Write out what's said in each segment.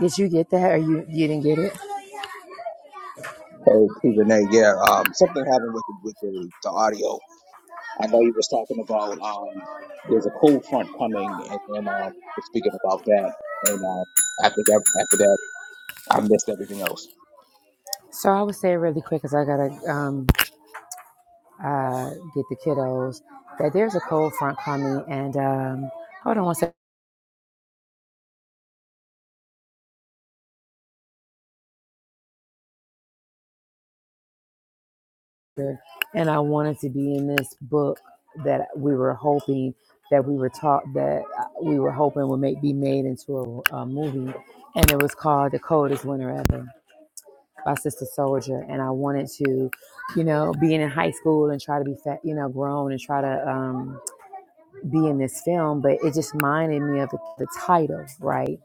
Did you get that or you, you didn't get it? Hey, T. Renee, yeah, um, something happened with with the, the audio. I know you was talking about um, there's a cold front coming, and then um, was speaking about that, and um, after that, after that, I missed everything else. So I would say really quick because I gotta um, uh, get the kiddos that there's a cold front coming and um, hold on one second. And I wanted to be in this book that we were hoping that we were taught that uh, we were hoping would make be made into a, a movie, and it was called The Coldest Winter Ever. by Sister Soldier, and I wanted to, you know, being in high school and try to be, fa- you know, grown and try to um, be in this film, but it just reminded me of the, the title, right?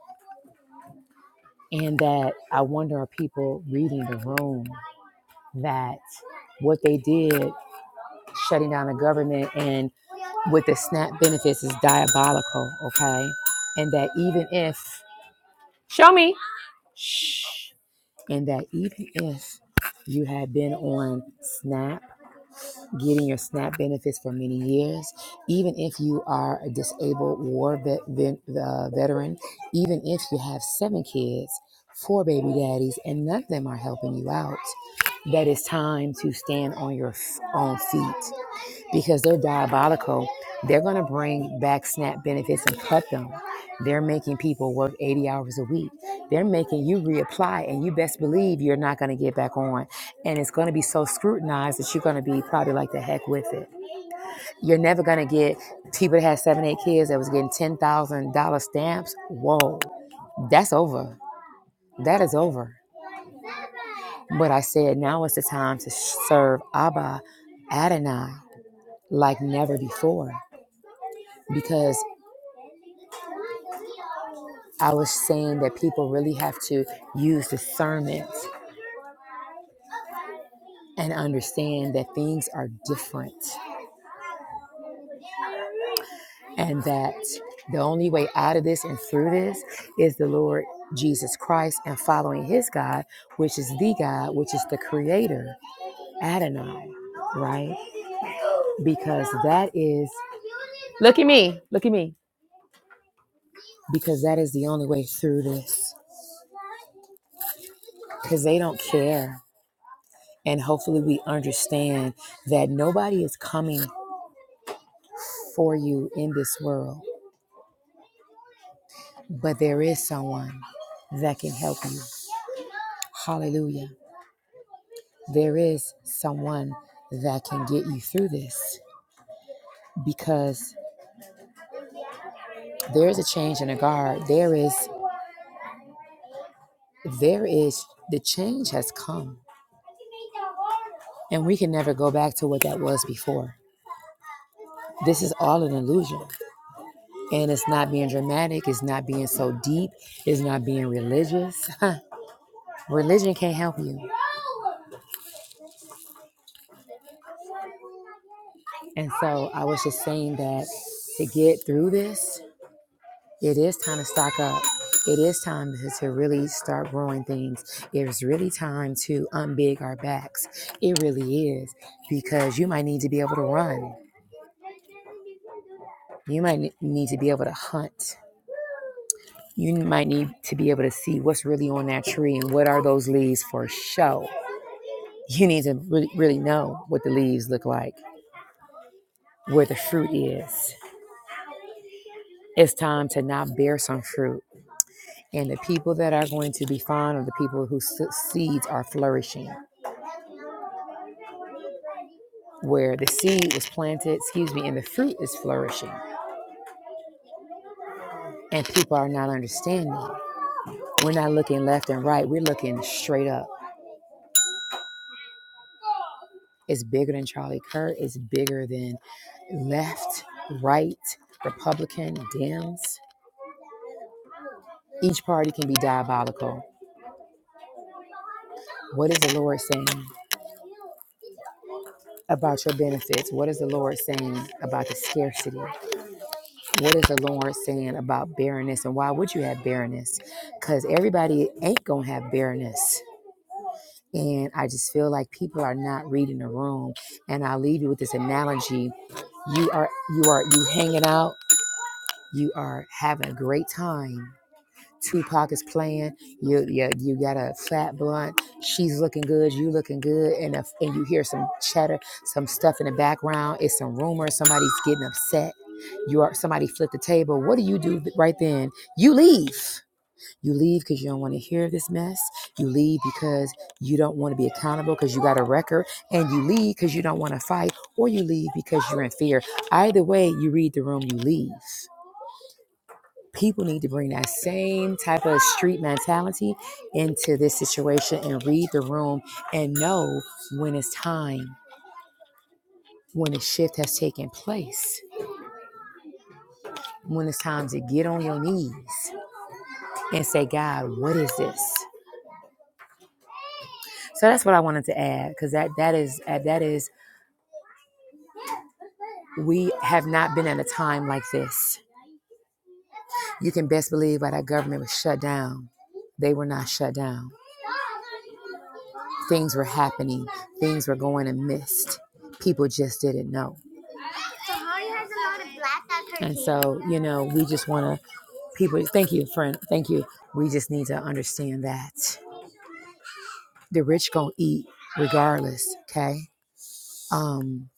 And that I wonder are people reading the room that what they did, shutting down the government and with the SNAP benefits is diabolical, okay? And that even if, show me, shh, and that even if you had been on SNAP getting your SNAP benefits for many years, even if you are a disabled war vet, ven, uh, veteran, even if you have seven kids, four baby daddies, and none of them are helping you out, that it's time to stand on your own feet because they're diabolical. They're going to bring back SNAP benefits and cut them. They're making people work 80 hours a week. They're making you reapply, and you best believe you're not going to get back on. And it's going to be so scrutinized that you're going to be probably like the heck with it. You're never going to get people that had seven, eight kids that was getting $10,000 stamps. Whoa, that's over. That is over. But I said, now is the time to serve Abba Adonai like never before because. I was saying that people really have to use discernment and understand that things are different and that the only way out of this and through this is the Lord Jesus Christ and following his God, which is the God, which is the creator, Adonai, right? Because that is, look, look at me, because that is the only way through this, because they don't care. And hopefully, we understand that nobody is coming for you in this world, but there is someone that can help you. Hallelujah. There is someone that can get you through this because there is a change in the guard. There is, there is, the change has come and we can never go back to what that was before. This is all an illusion. And it's not being dramatic, it's not being so deep, it's not being religious. Religion can't help you. And so I was just saying that to get through this, It is time to stock up. It is time to, to really start growing things. It's really time to unbig our backs. It really is because you might need to be able to run. You might need to be able to hunt. You might need to be able to see what's really on that tree and what are those leaves for show. You need to really, really know what the leaves look like, where the fruit is. It's time to not bear some fruit. And the people that are going to be fond of the people whose seeds are flourishing where the seed was planted, excuse me, and the fruit is flourishing. And people are not understanding. We're not looking left and right, we're looking straight up. It's bigger than Charlie Kirk, it's bigger than left, right, Republican, Dems. Each party can be diabolical. What is the Lord saying about your benefits? What is the Lord saying about the scarcity? What is the Lord saying about barrenness? And why would you have barrenness? Because everybody ain't going to have barrenness And I just feel like people are not reading the room. And I'll leave you with this analogy. You are you are you hanging out, you are having a great time. Tupac is playing, you you, you got a fat blunt, she's looking good, you looking good, and if, and you hear some chatter, some stuff in the background, it's some rumor, somebody's getting upset. You are somebody flipped the table. What do you do right then? You leave you leave because you don't want to hear this mess. You leave because you don't want to be accountable because you got a record. And you leave because you don't want to fight, or you leave because you're in fear. Either way, you read the room, you leave. People need to bring that same type of street mentality into this situation and read the room and know when it's time, when a shift has taken place, when it's time to get on your knees and say, God, what is this? So that's what I wanted to add because that that is that is We have not been at a time like this. You can best believe why that government was shut down. They were not shut down. Things were happening, things were going amidst. People just didn't know. And so, you know, we just want to, people, thank you, friend. Thank you. We just need to understand that the rich going to eat regardless, okay? Um,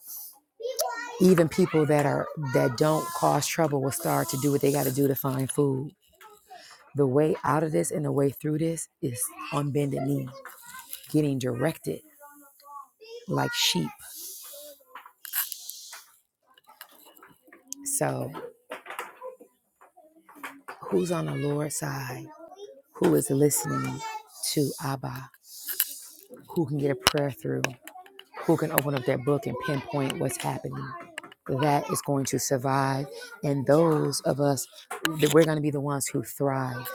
even people that are that don't cause trouble will start to do what they got to do to find food The way out of this and the way through this is on bended knee, getting directed like sheep. So, who's on the Lord's side? Who is listening to Abba? Who can get a prayer through? Who can open up that book and pinpoint what's happening? That is going to survive, and those of us, that we're going to be the ones who thrive.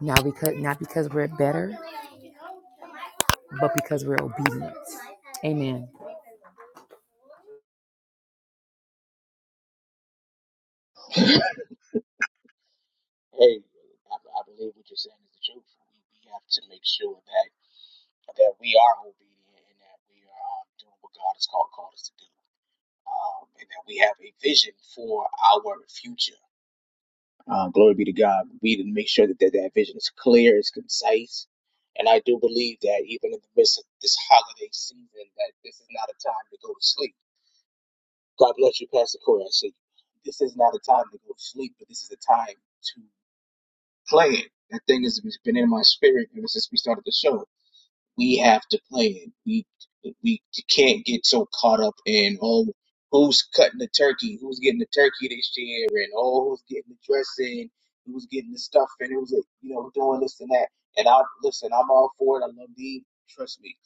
Now, because not because we're better, but because we're obedient. Amen. Hey, I, I believe what you're saying is the truth. We have to make sure that that we are obedient and that we are um, doing what God has called called us to do, um, and that we have a vision for our future. Uh, glory be to God. We need to make sure that that, that vision is clear, it's concise. And I do believe that even in the midst of this holiday season, that this is not a time to go to sleep. God bless you, Pastor Corey. I see. This is not a time to go to sleep, but this is a time to play it. That thing has been in my spirit ever since we started the show we have to play it. We we can't get so caught up in oh who's cutting the turkey, who's getting the turkey this year, and oh who's getting the dressing, who's getting the stuffing, who's uh, you know doing this and that. And I listen, I'm all for it. I love Dean, trust me,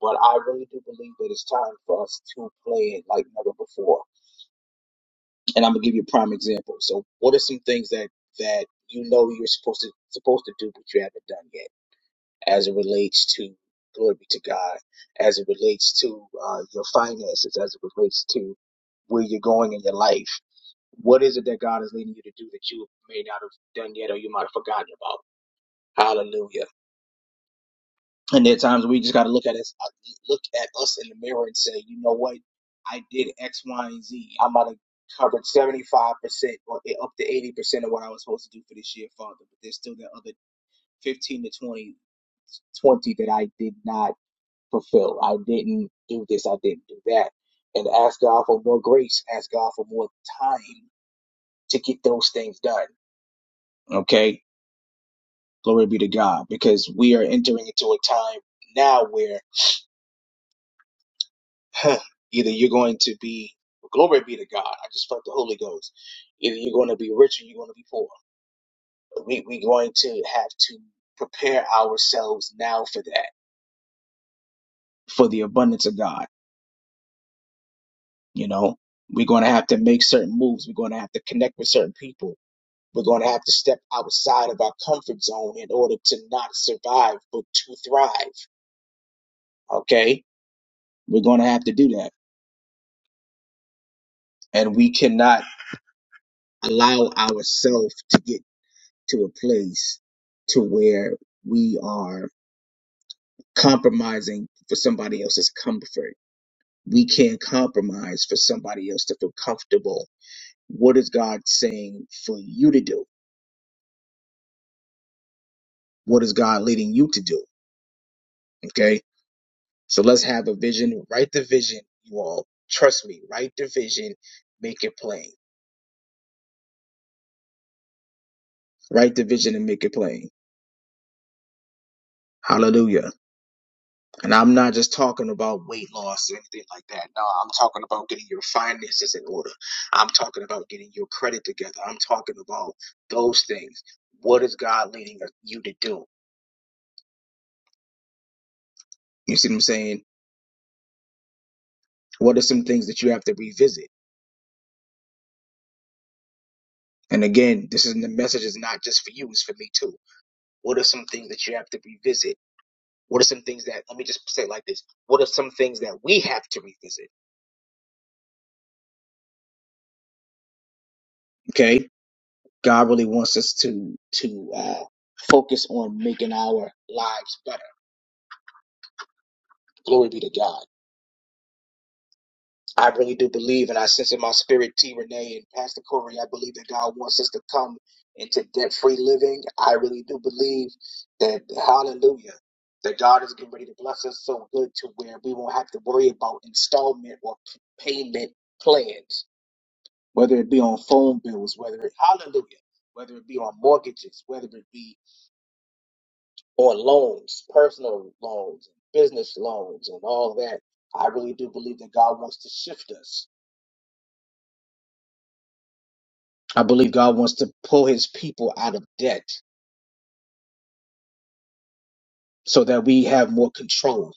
but I really do believe that it's time for us to play it like never before. And I'm gonna give you a prime example. So, what are some things that that you know you're supposed to supposed to do but you haven't done yet? as it relates to glory be to God, as it relates to uh, your finances, as it relates to where you're going in your life. What is it that God is leading you to do that you may not have done yet, or you might have forgotten about? Hallelujah! And there are times we just got to look at us, look at us in the mirror, and say, you know what? I did X, Y, and Z. I might have covered seventy-five percent or e, up to eighty percent of what I was supposed to do for this year, Father. But there's still that other fifteen to 20, 20 that I did not fulfill. I didn't do this. I didn't do that. And ask God for more grace. Ask God for more time to get those things done. Okay. Glory be to God because we are entering into a time now where huh, either you're going to be, glory be to God. I just felt the Holy Ghost. Either you're going to be rich or you're going to be poor. We, we're going to have to prepare ourselves now for that, for the abundance of God. You know, we're going to have to make certain moves. We're going to have to connect with certain people We're going to have to step outside of our comfort zone in order to not survive, but to thrive. Okay? We're going to have to do that. And we cannot allow ourselves to get to a place to where we are compromising for somebody else's comfort. We can't compromise for somebody else to feel comfortable. What is God saying for you to do? What is God leading you to do? Okay? So let's have a vision. Write the vision, you all. Trust me. Write the vision. Make it plain. Write the vision and make it plain. Hallelujah. And I'm not just talking about weight loss or anything like that. No, I'm talking about getting your finances in order. I'm talking about getting your credit together. I'm talking about those things. What is God leading you to do? You see what I'm saying? What are some things that you have to revisit? And again, this is the message is not just for you, it's for me too. What are some things that you have to revisit? What are some things that, let me just say it like this. What are some things that we have to revisit? Okay. God really wants us to, to, uh, focus on making our lives better. Glory be to God. I really do believe, and I sense in my spirit, T. Renee and Pastor Corey, I believe that God wants us to come into debt free living. I really do believe that, hallelujah, that God is getting ready to bless us so good to where we won't have to worry about installment or p- payment plans. whether it be on phone bills, whether it, hallelujah, whether it be on mortgages, whether it be on loans, personal loans, business loans, and all that. I really do believe that God wants to shift us. I believe God wants to pull his people out of debt so that we have more control.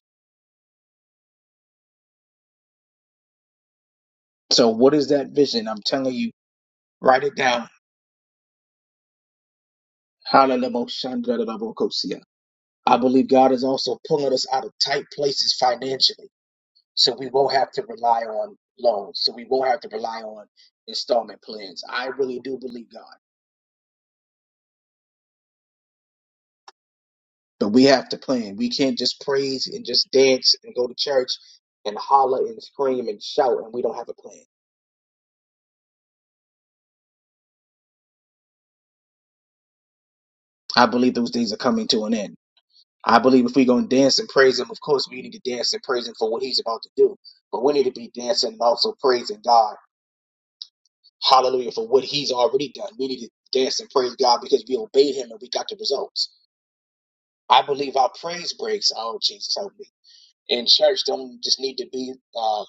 So, what is that vision? I'm telling you, write it down. Hallelujah. I believe God is also pulling us out of tight places financially. So we won't have to rely on loans. So we won't have to rely on installment plans. I really do believe God. But we have to plan. We can't just praise and just dance and go to church and holler and scream and shout and we don't have a plan. I believe those days are coming to an end. I believe if we're going to dance and praise Him, of course we need to dance and praise Him for what He's about to do. But we need to be dancing and also praising God. Hallelujah for what He's already done. We need to dance and praise God because we obeyed Him and we got the results. I believe our praise breaks. Oh, Jesus, help me. In church, don't just need to be uh,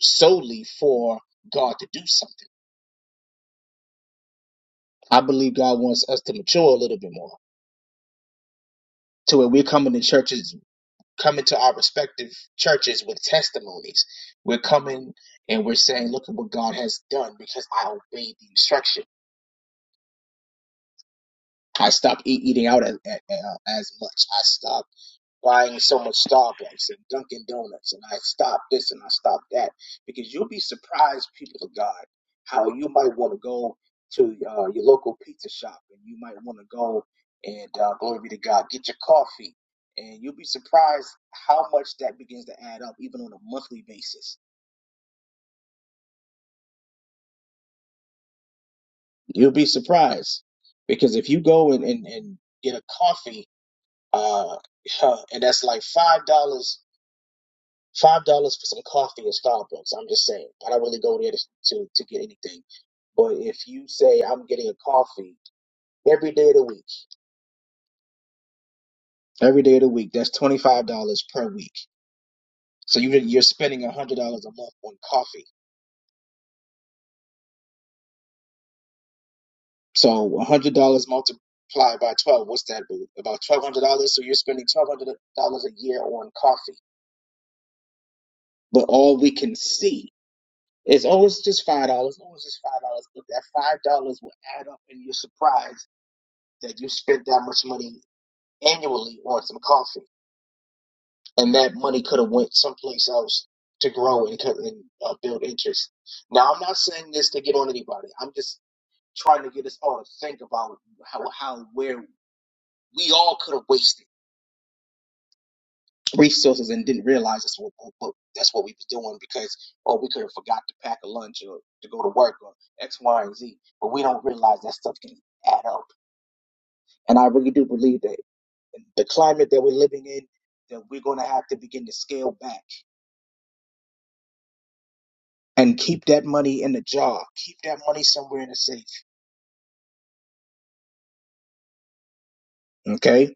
solely for God to do something. I believe God wants us to mature a little bit more to where we're coming to churches, coming to our respective churches with testimonies. We're coming and we're saying, look at what God has done because I obeyed the instruction. I stopped e- eating out as, as, as much. I stopped buying so much Starbucks and Dunkin' Donuts, and I stopped this and I stopped that. Because you'll be surprised, people of God, how you might want to go to uh, your local pizza shop and you might want to go and uh, glory be to God, get your coffee. And you'll be surprised how much that begins to add up, even on a monthly basis. You'll be surprised because if you go and, and, and get a coffee, uh, and that's like $5 Five dollars for some coffee at Starbucks. I'm just saying. I don't really go there to, to to get anything. But if you say I'm getting a coffee every day of the week, every day of the week, that's twenty five dollars per week. So you you're spending a hundred dollars a month on coffee. So a hundred dollars multiplied by twelve, what's that? boo? About twelve hundred dollars. So you're spending twelve hundred dollars a year on coffee. But all we can see is oh, it's just five dollars. Oh, it's just five dollars. But that five dollars will add up, and you're surprised that you spent that much money annually on some coffee, and that money could have went someplace else to grow and, and uh, build interest. Now, I'm not saying this to get on anybody. I'm just trying to get us all to think about how how where we all could have wasted resources and didn't realize that's what, what- that's what we was doing because oh we could have forgot to pack a lunch or to go to work or X, Y, and Z, but we don't realize that stuff can add up. And I really do believe that in the climate that we're living in, that we're going to have to begin to scale back and keep that money in the jar. Keep that money somewhere in the safe. Okay?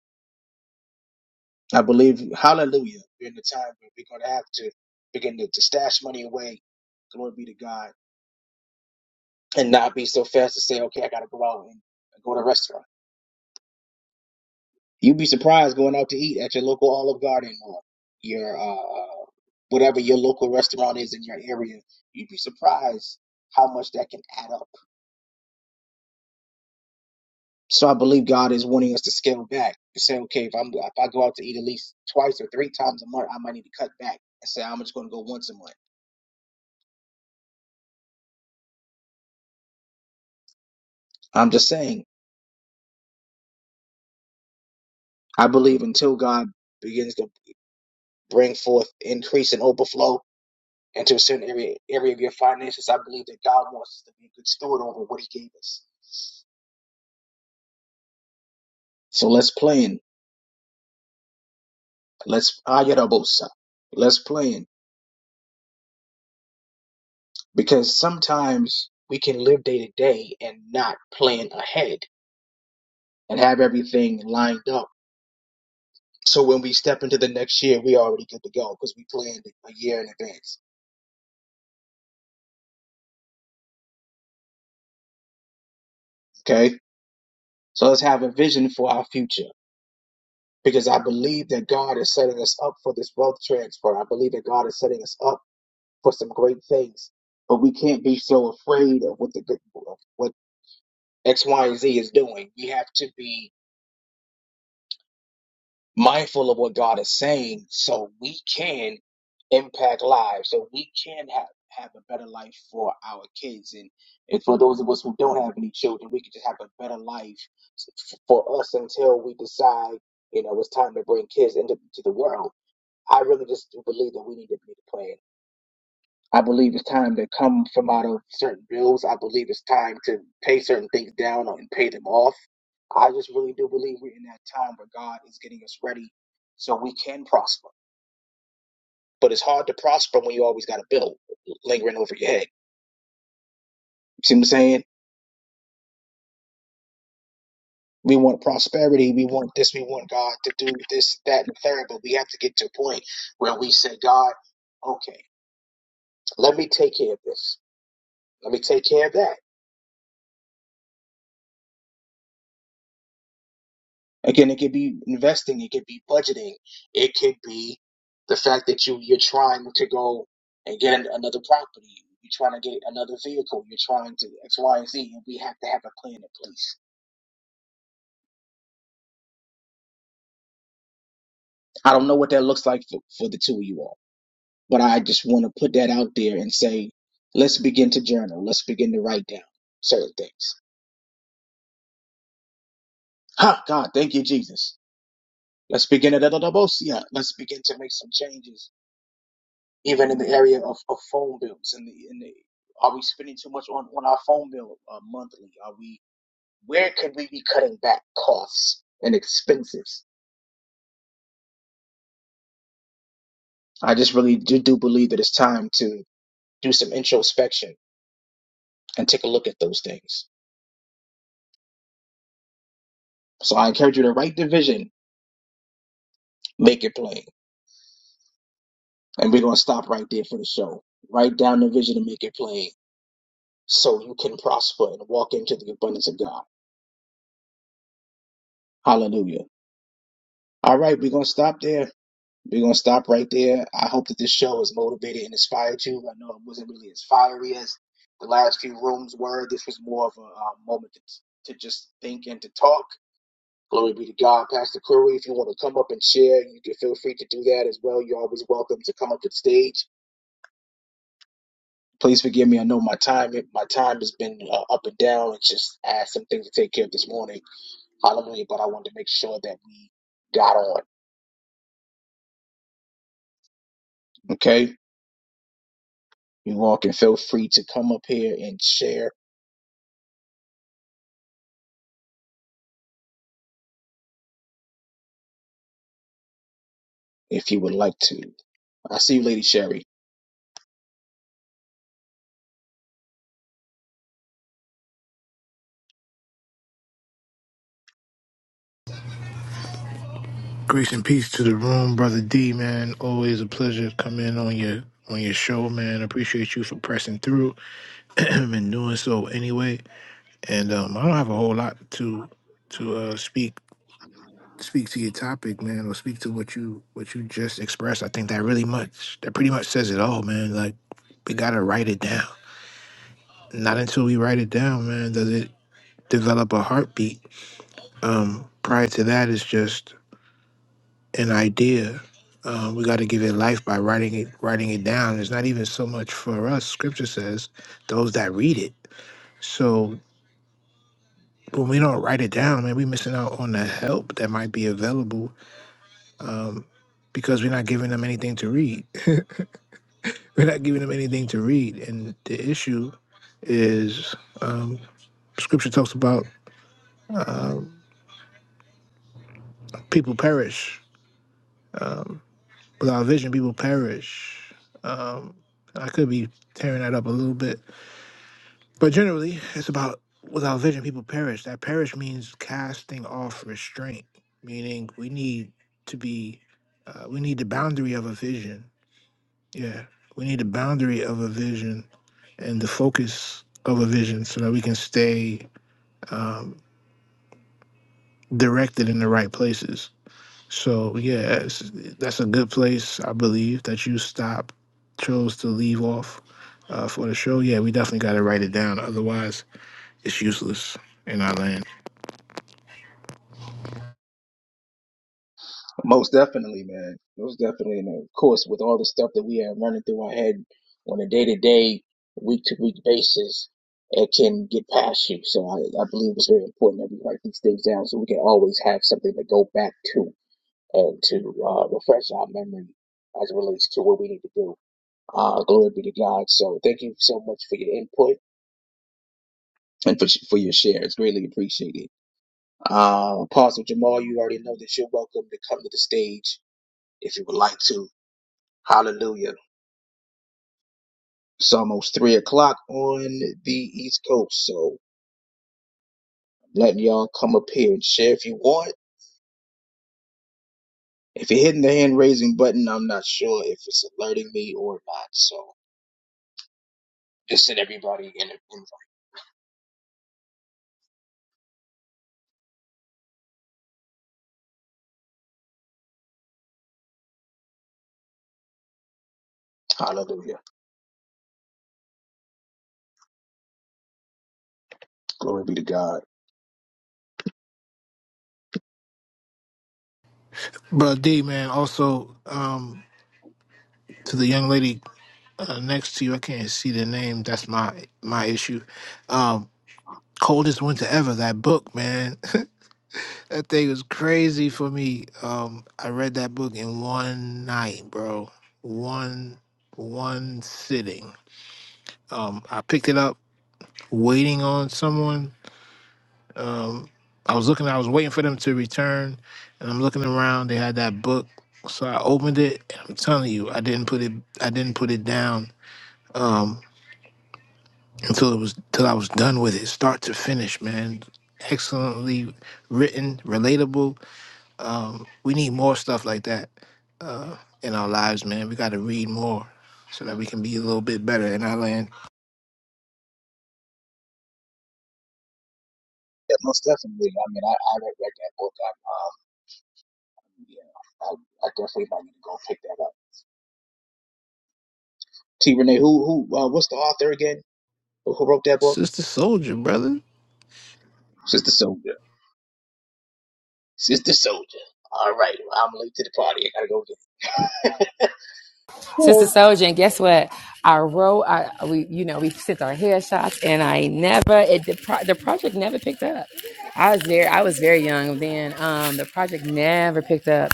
I believe, hallelujah, we're in the time where we're going to have to begin to, to stash money away. Glory be to God. And not be so fast to say, okay, I got to go out and go to a restaurant. You'd be surprised going out to eat at your local Olive Garden or your, uh, whatever your local restaurant is in your area. You'd be surprised how much that can add up So I believe God is wanting us to scale back and say, okay, if I'm if I go out to eat at least twice or three times a month, I might need to cut back and say I'm just going to go once a month. I'm just saying, I believe until God begins to bring forth increase and overflow into a certain area area of your finances, I believe that God wants us to be a good steward over what He gave us. So let's plan. Let's ayarabosa. Let's plan because sometimes we can live day to day and not plan ahead and have everything lined up. So when we step into the next year, we already good to go because we planned it a year in advance. Okay. So let's have a vision for our future because I believe that God is setting us up for this wealth transfer. I believe that God is setting us up for some great things, but we can't be so afraid of what the good, what X, Y, and Z is doing. We have to be mindful of what God is saying so we can impact lives, so we can have, have a better life for our kids. And, and for those of us who don't have any children, we can just have a better life f- for us until we decide, you know, it's time to bring kids into to the world. I really just do believe that we need to be the plan. I believe it's time to come from out of certain bills. I believe it's time to pay certain things down and pay them off. I just really do believe we're in that time where God is getting us ready so we can prosper. But it's hard to prosper when you always got a bill lingering over your head. See what I'm saying? We want prosperity. We want this. We want God to do this, that, and the third. But we have to get to a point where we say, God, okay, let me take care of this. Let me take care of that Again, it could be investing, it could be budgeting, it could be the fact that you you're trying to go and get an- another property, you're trying to get another vehicle, you're trying to X, Y, and Z, and we have to have a plan in place. I don't know what that looks like for, for the two of you all, but I just want to put that out there and say, let's begin to journal, let's begin to write down certain things. Ha, God, thank you, Jesus. Let's begin to let's begin to make some changes even in the area of, of phone bills and the, and the are we spending too much on, on our phone bill uh, monthly are we where could we be cutting back costs and expenses i just really do, do believe that it's time to do some introspection and take a look at those things so i encourage you to write the vision make it plain and we're going to stop right there for the show write down the vision and make it plain so you can prosper and walk into the abundance of god hallelujah all right we're going to stop there We're gonna stop right there. I hope that this show has motivated and inspired you. I know it wasn't really as fiery as the last few rooms were. This was more of a uh, moment to, to just think and to talk. Glory be to God, Pastor Curry. If you want to come up and share, you can feel free to do that as well. You're always welcome to come up to the stage. Please forgive me. I know my time my time has been uh, up and down. It's just I had some things to take care of this morning. Hallelujah! But I wanted to make sure that we got on. Okay, you all can feel free to come up here and share if you would like to. I see you, Lady Sherry. Grace and peace to the room, brother D. Man, always a pleasure to come in on your on your show, man. Appreciate you for pressing through and doing so anyway. And um, I don't have a whole lot to to uh, speak speak to your topic, man, or speak to what you what you just expressed. I think that really much that pretty much says it all, man. Like we gotta write it down. Not until we write it down, man, does it develop a heartbeat. Um, prior to that, it's just an idea. Um, we got to give it life by writing it, writing it down. It's not even so much for us. Scripture says those that read it. So when we don't write it down, man, we missing out on the help that might be available um, because we're not giving them anything to read. we're not giving them anything to read, and the issue is um, Scripture talks about um, people perish um, without vision. People perish. Um, I could be tearing that up a little bit But generally, it's about without vision, people perish. That perish means casting off restraint, meaning we need to be, uh, we need the boundary of a vision. Yeah, we need the boundary of a vision and the focus of a vision so that we can stay um, directed in the right places. So, yeah, it's, that's a good place, I believe, that you stop, chose to leave off uh, for the show. Yeah, we definitely got to write it down. Otherwise, it's useless in our land. Most definitely, man. Most definitely. And of course, with all the stuff that we have running through our head on a day to day, week to week basis, it can get past you. So I, I believe it's very important that we write these things down so we can always have something to go back to and to uh, refresh our memory as it relates to what we need to do. Uh, glory be to God. So thank you so much for your input and for, for your share. It's greatly appreciated. Uh, Apostle Jamal, you already know that you're welcome to come to the stage if you would like to. Hallelujah. It's almost three o'clock on the East Coast, so I'm letting y'all come up here and share if you want. If you're hitting the hand raising button, I'm not sure if it's alerting me or not, so just send everybody in. in- Hallelujah. Glory. But D man, also um, to the young lady uh, next to you, I can't see the name. That's my my issue. Um, Coldest winter ever. That book, man, that thing was crazy for me. Um, I read that book in one night, bro. One one sitting. Um, I picked it up waiting on someone Um, I was looking, I was waiting for them to return, and I'm looking around. They had that book, so I opened it. And I'm telling you, I didn't put it, I didn't put it down um, until it was, till I was done with it, start to finish, man. Excellently written, relatable. Um, we need more stuff like that uh, in our lives, man. We got to read more so that we can be a little bit better in our land. Yeah, most definitely. I mean, I, I read, read that book. I, um, yeah, I, I definitely might need to go pick that up. T. Renee, who, who, uh, what's the author again? Who who wrote that book? Sister Soldier, brother. Sister Soul. Sister Soldier. All right, well, I'm late to the party. I gotta go get. Sister Oh, Soldier, and guess what? I wrote, I, we, you know, we sent our headshots, and I never, it, the, pro, the project never picked up. I was very, I was very young then. Um, the project never picked up.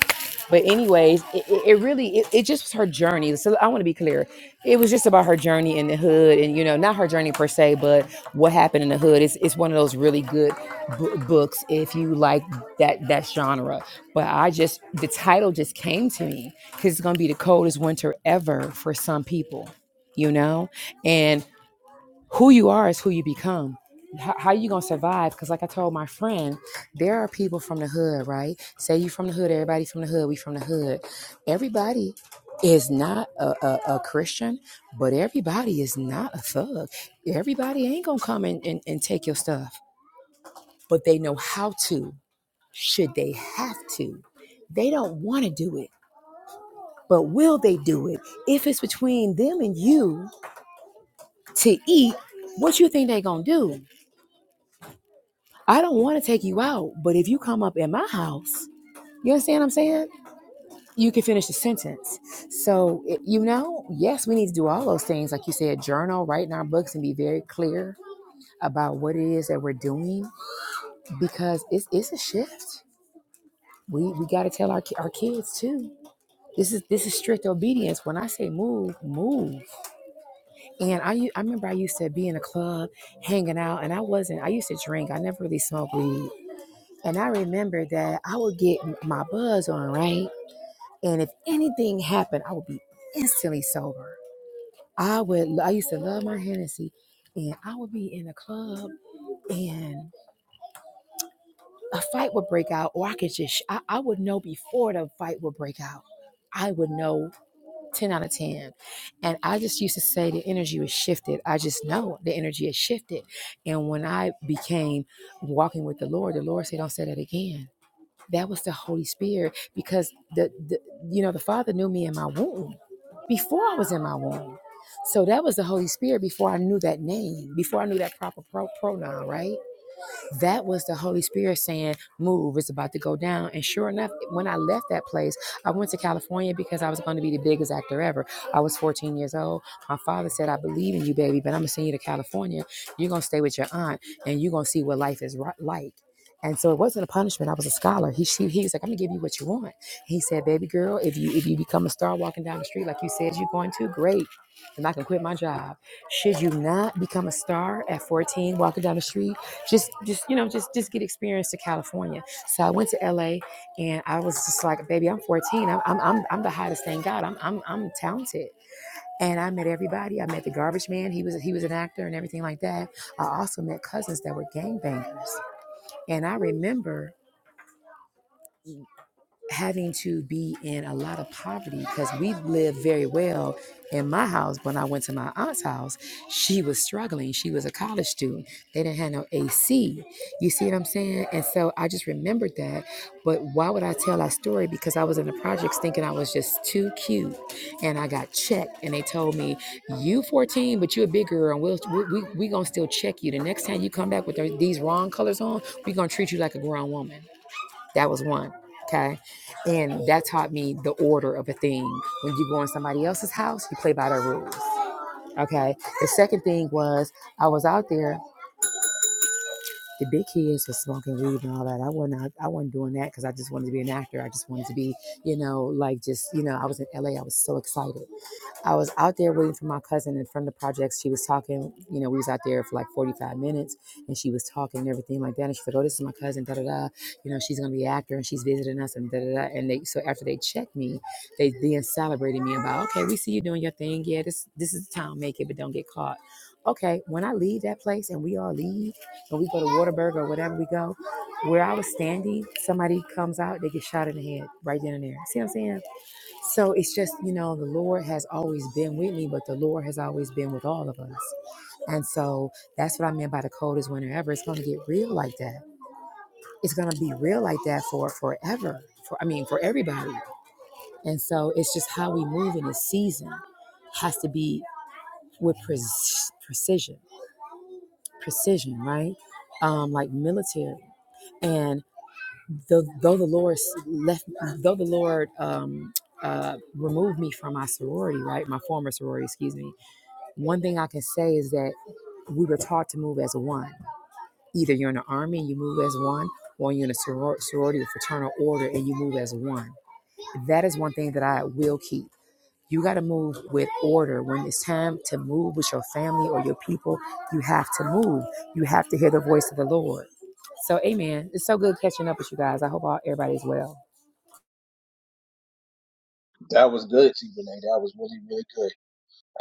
But anyways, it, it, it really, it, it just was her journey. So I want to be clear. It was just about her journey in the hood and, you know, not her journey per se, but what happened in the hood. It's, it's one of those really good bu- books if you like that, that genre. But I just, the title just came to me because it's going to be the coldest winter ever for some people, you know? And who you are is who you become. How, how you going to survive? Because, like I told my friend, there are people from the hood, right? Say you from the hood, everybody from the hood, we from the hood. Everybody is not a, a, a Christian, but everybody is not a thug. Everybody ain't going to come and, and, and take your stuff, but they know how to, should they have to. They don't want to do it but will they do it? If it's between them and you to eat, what you think they gonna do? I don't want to take you out, but if you come up in my house, you understand what I'm saying? You can finish the sentence. So you know, yes, we need to do all those things, like you said, journal, write in our books, and be very clear about what it is that we're doing because it's it's a shift. We we got to tell our our kids too. This is this is strict obedience. When I say move, move. And I, u- I remember I used to be in a club hanging out, and I wasn't, I used to drink. I never really smoked weed. And I remember that I would get m- my buzz on, right? And if anything happened, I would be instantly sober. I would, I used to love my Hennessy, and I would be in a club, and a fight would break out, or I could just, sh- I, I would know before the fight would break out. I would know 10 out of 10. And I just used to say the energy was shifted. I just know the energy has shifted. And when I became walking with the Lord, the Lord said, Don't say that again. That was the Holy Spirit because the, the you know, the Father knew me in my womb before I was in my womb. So that was the Holy Spirit before I knew that name, before I knew that proper pro- pronoun, right? That was the Holy Spirit saying, Move, it's about to go down. And sure enough, when I left that place, I went to California because I was going to be the biggest actor ever. I was 14 years old. My father said, I believe in you, baby, but I'm going to send you to California. You're going to stay with your aunt and you're going to see what life is like. And so it wasn't a punishment. I was a scholar. He, she, he was like, I'm gonna give you what you want. He said, baby girl, if you if you become a star walking down the street like you said you're going to, great. And I can quit my job. Should you not become a star at 14 walking down the street? just just you know just just get experience to california so i went to la and i was just like baby i'm 14 i'm i'm i'm, I'm the hottest thing god I'm, I'm i'm talented and i met everybody i met the garbage man he was he was an actor and everything like that i also met cousins that were gangbangers and i remember having to be in a lot of poverty because we lived very well in my house. When I went to my aunt's house, she was struggling. She was a college student. They didn't have no AC. You see what I'm saying? And so I just remembered that. But why would I tell that story? Because I was in the projects thinking I was just too cute. And I got checked and they told me, you 14, but you're a big girl and we'll, we, we, we going to still check you. The next time you come back with these wrong colors on, we going to treat you like a grown woman. That was one. Okay. And that taught me the order of a thing. When you go in somebody else's house, you play by their rules. Okay. The second thing was I was out there. The big kids were smoking weed and all that. I wasn't. I wasn't doing that because I just wanted to be an actor. I just wanted to be, you know, like just, you know, I was in LA. I was so excited. I was out there waiting for my cousin and from the projects. She was talking, you know, we was out there for like 45 minutes and she was talking and everything like that. And she said, Oh, this is my cousin, da da da. You know, she's gonna be an actor and she's visiting us and da da da. And they so after they checked me, they then celebrated me about, okay, we see you doing your thing. Yeah, this this is the time, make it, but don't get caught. Okay, when I leave that place and we all leave and we go to Waterburg or whatever we go, where I was standing, somebody comes out, they get shot in the head right then and there. See what I'm saying? So it's just, you know, the Lord has always been with me, but the Lord has always been with all of us. And so that's what I meant by the coldest winter ever. It's going to get real like that. It's going to be real like that for forever. For I mean, for everybody. And so it's just how we move in this season has to be with pre- precision, precision, right? Um, like military. and. though, though the Lord left, though the Lord um, uh, removed me from my sorority, right, my former sorority, excuse me. One thing I can say is that we were taught to move as a one. Either you're in the army and you move as one, or you're in a soror- sorority or fraternal order and you move as one. That is one thing that I will keep. You got to move with order. When it's time to move with your family or your people, you have to move. You have to hear the voice of the Lord. So, amen. It's so good catching up with you guys. I hope all, everybody's well. That was good, T. Renee. That was really, really good.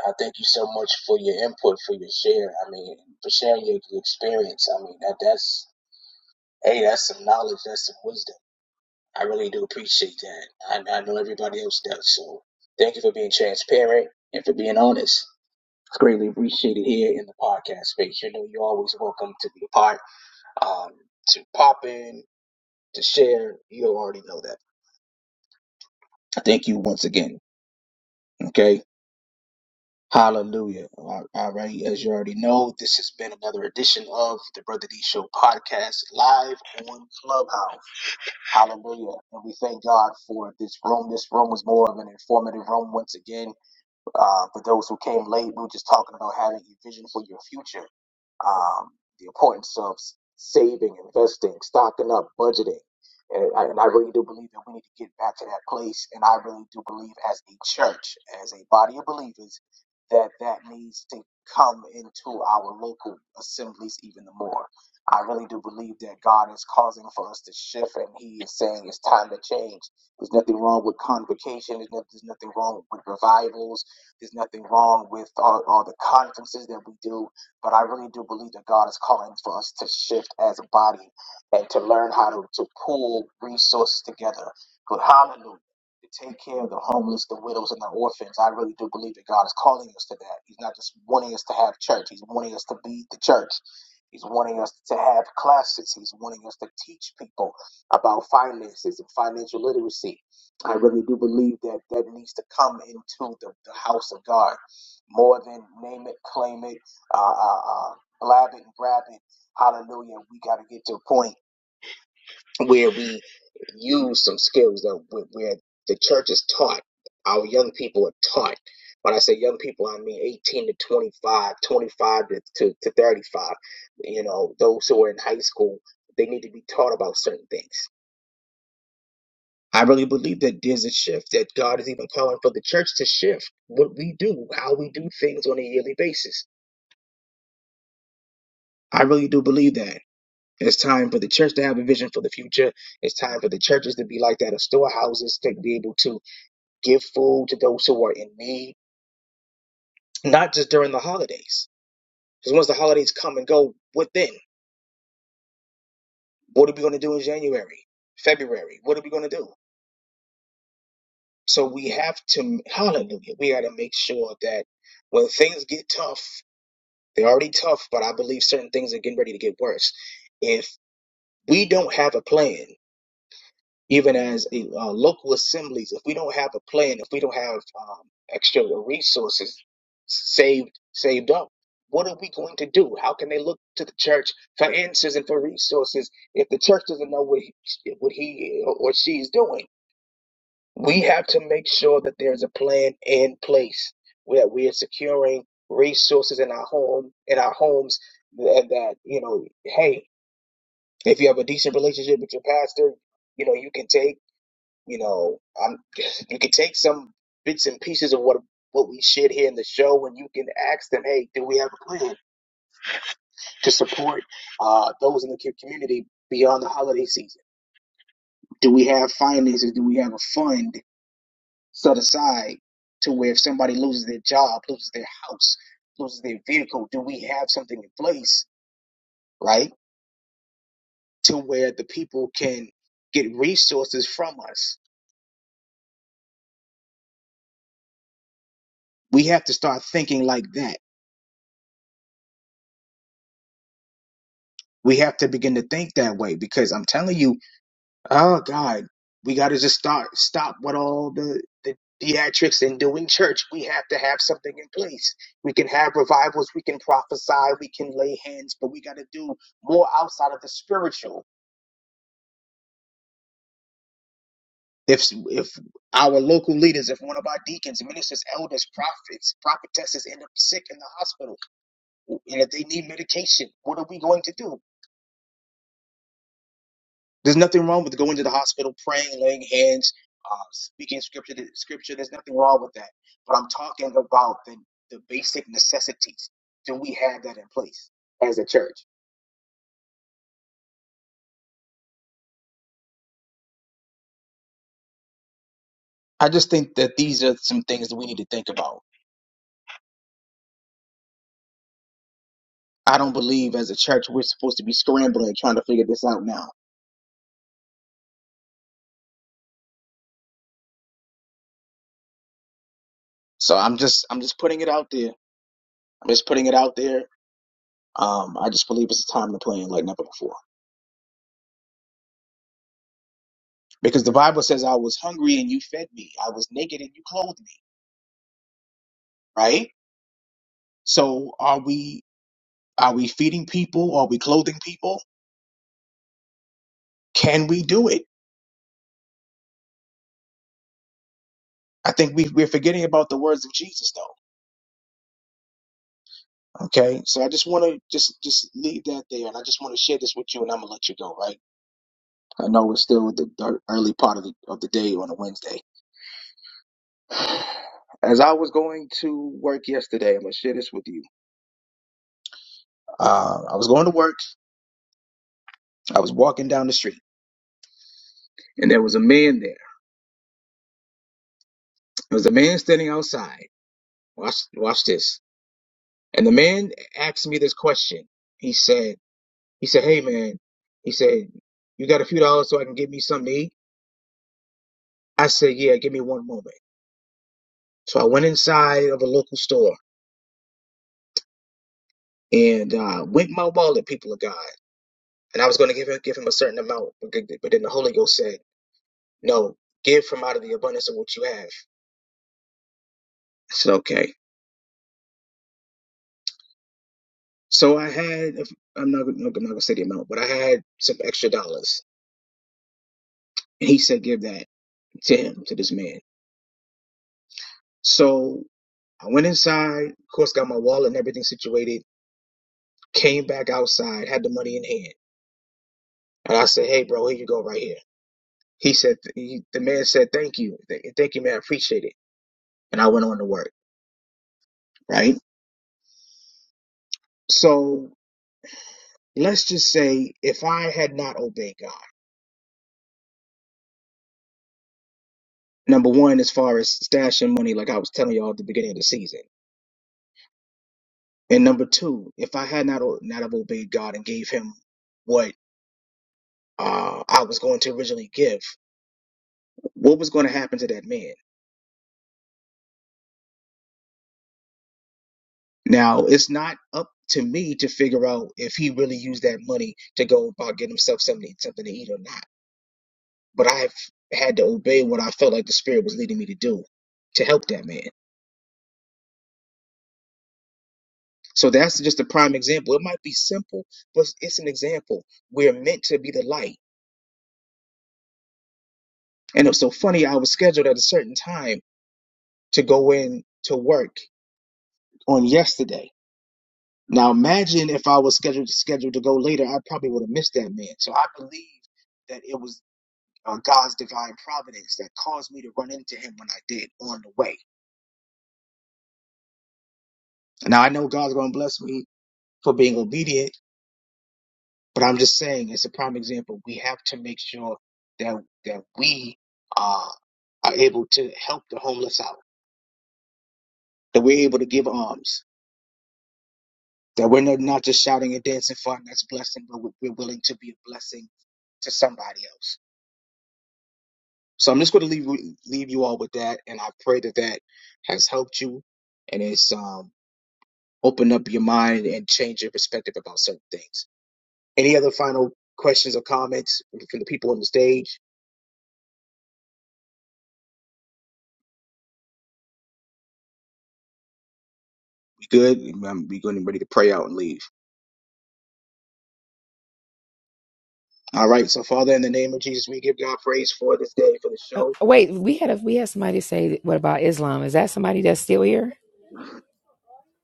I thank you so much for your input, for your share. I mean, for sharing your, your experience. I mean, that that's hey, that's some knowledge. That's some wisdom. I really do appreciate that. I, I know everybody else does. So thank you for being transparent and for being honest. It's greatly appreciated here in the podcast space. You know, you're always welcome to be a part, um, to pop in, to share. You already know that. Thank you once again. Okay. Hallelujah. All all right. As you already know, this has been another edition of the Brother D Show podcast live on Clubhouse. Hallelujah. And we thank God for this room. This room was more of an informative room once again Uh, for those who came late, we were just talking about having a vision for your future, um, the importance of s- saving, investing, stocking up, budgeting. And I, and I really do believe that we need to get back to that place. And I really do believe, as a church, as a body of believers, that that needs to come into our local assemblies even the more. I really do believe that God is causing for us to shift, and He is saying it's time to change. There's nothing wrong with convocation. There's nothing, there's nothing wrong with revivals there's nothing wrong with all, all the conferences that we do, but I really do believe that God is calling for us to shift as a body and to learn how to, to pool resources together. But hallelujah. To take care of the homeless, the widows, and the orphans. I really do believe that God is calling us to that. He's not just wanting us to have church, He's wanting us to be the church. He's wanting us to have classes. He's wanting us to teach people about finances and financial literacy. I really do believe that that needs to come into the, the house of God more than name it, claim it, uh, uh, uh, blab it and grab it. Hallelujah. We got to get to a point where we use some skills that where where the church is taught, our young people are taught. When I say young people, I mean 18 to 25, 25 to, to, to 35. You know, those who are in high school, they need to be taught about certain things I really believe that there's a shift that God is even calling for the church to shift what we do, how we do things on a yearly basis. I really do believe that. It's time for the church to have a vision for the future. It's time for the churches to be like that of storehouses to be able to give food to those who are in need, not just during the holidays. Because once the holidays come and go, what then? What are we going to do in January, February? What are we going to do? So we have to, hallelujah, we got to make sure that when things get tough, They're already tough, but I believe certain things are getting ready to get worse. If we don't have a plan, even as a, uh, local assemblies, if we don't have a plan, if we don't have um, extra resources saved saved up, what are we going to do? How can they look to the church for answers and for resources if the church doesn't know what he, what he or she is doing? we have to make sure that there's a plan in place where we are securing resources in our home in our homes and that you know hey if you have a decent relationship with your pastor you know you can take you know um you can take some bits and pieces of what what we shared here in the show and you can ask them hey do we have a plan to support uh those in the co- community beyond the holiday season do we have finances do we have a fund set aside to where if somebody loses their job, loses their house, loses their vehicle, do we have something in place, right? To where the people can get resources from us. We have to start thinking like that. We have to begin to think that way because I'm telling you, oh God, we got to just start stop with all the the theatrics and doing church. We have to have something in place. We can have revivals, we can prophesy, we can lay hands, but we got to do more outside of the spiritual if if our local leaders, if one of our deacons, ministers, elders, prophets, prophetesses end up sick in the hospital, and if they need medication, what are we going to do? There's nothing wrong with going to the hospital, praying, laying hands, uh, speaking scripture. Scripture. There's nothing wrong with that. But I'm talking about the the basic necessities. Do we have that in place as a church? I just think that these are some things that we need to think about. I don't believe as a church we're supposed to be scrambling trying to figure this out now So I'm just I'm just putting it out there. I'm just putting it out there. Um, I just believe it's a time to play in like never before. Because the Bible says I was hungry and you fed me. I was naked and you clothed me. Right? So are we are we feeding people? Are we clothing people? Can we do it? I think we we're forgetting about the words of Jesus though. Okay. So I just wanna just just leave that there and I just wanna share this with you and I'm gonna let you go, right? I know it's still the the early part of the of the day on a Wednesday. As I was going to work yesterday, I'm gonna share this with you. Uh, I was going to work. I was walking down the street, and there was a man there. There was a man standing outside. Watch, watch this. And the man asked me this question. He said, "He said, hey man, he said, you got a few dollars so I can get me something to eat?" I said, "Yeah, give me one moment." So I went inside of a local store and uh, went my wallet, people of God. And I was going to give him give him a certain amount, but then the Holy Ghost said. No, give from out of the abundance of what you have. I said, okay. So I had, if, I'm not, I'm not gonna say the amount, but I had some extra dollars. And he said, give that to him, to this man. So I went inside, of course, got my wallet and everything situated, came back outside, had the money in hand. And I said, hey, bro, here you go right here. He said, he, the man said, thank you. Th- Thank you, man. I appreciate it. And I went on to work, right? So let's just say if I had not obeyed God, Number one, as far as stashing money, like I was telling y'all at the beginning of the season. And number two, if I had not o- not have obeyed God and gave him what uh, I was going to originally give, what was going to happen to that man? Now, it's not up to me to figure out if he really used that money to go about getting himself something, something to eat or not. But I've had to obey what I felt like the Spirit was leading me to do to help that man. So that's just a prime example. It might be simple, but it's an example. We're meant to be the light And it was so funny, I was scheduled at a certain time to go in to work on yesterday. Now imagine if I was scheduled scheduled to go later, I probably would have missed that man. So I believe that it was uh, God's divine providence that caused me to run into him when I did on the way. Now I know God's going to bless me for being obedient, but I'm just saying it's a prime example. We have to make sure that that we uh, are able to help the homeless out, that we're able to give alms, That we're not not just shouting and dancing for our next blessing, but we- we're willing to be a blessing to somebody else. So I'm just going to leave leave you all with that, and I pray that that has helped you and it's um, opened up your mind and changed your perspective about certain things. Any other final questions or comments from the people on the stage? We good? Um, We going ready to pray out and leave. All right. So Father, in the name of Jesus, we give God praise for this day for the Uh, show. wait, we had a we had somebody say, "What about Islam? Is that somebody that's still here?"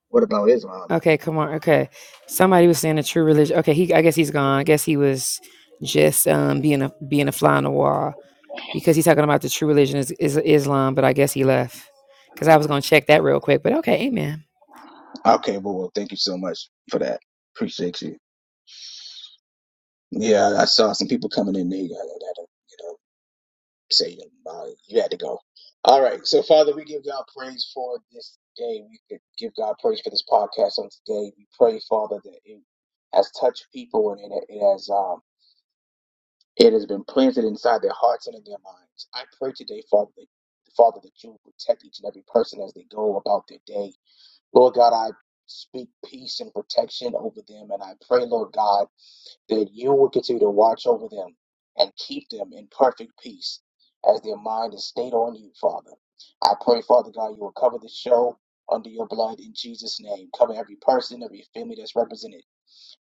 What about Islam? Okay, come on. Okay, somebody was saying a true religion. Okay, he. I guess he's gone. I guess he was just um being a being a fly on the wall because he's talking about the true religion is, is Islam, but I guess he left because I was gonna check that real quick. But okay, amen. Okay, well, well, thank you so much for that. Appreciate you. Yeah, I saw some people coming in. They, uh, that, uh, you know, say uh, "Nah, you had to go. All right, so Father, we give God praise for this day. We could give God praise for this podcast on today. We pray, Father, that it has touched people and it, it has um, it has been planted inside their hearts and in their minds. I pray today, Father, that, Father, that you will protect each and every person as they go about their day. Lord God, I speak peace and protection over them, and I pray, Lord God that you will continue to watch over them and keep them in perfect peace as their mind is stayed on you, Father. I pray, Father God, you will cover the show under your blood in Jesus' name. Cover every person, every family that's represented.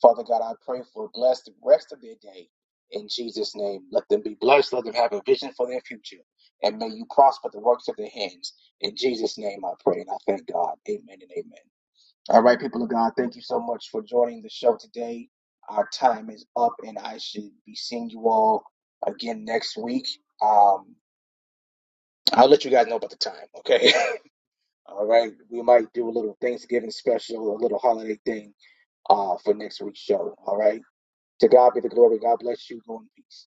Father God, I pray for bless the rest of their day in Jesus' name. Let them be blessed. Let them have a vision for their future. And may you prosper the works of their hands. In Jesus' name I pray and I thank God. Amen and amen. All right, people of God, thank you so much for joining the show today. Our time is up, and I should be seeing you all again next week. Um, I'll let you guys know about the time, okay? all right, we might do a little Thanksgiving special, a little holiday thing uh, for next week's show, all right? To God be the glory. God bless you. Go in peace.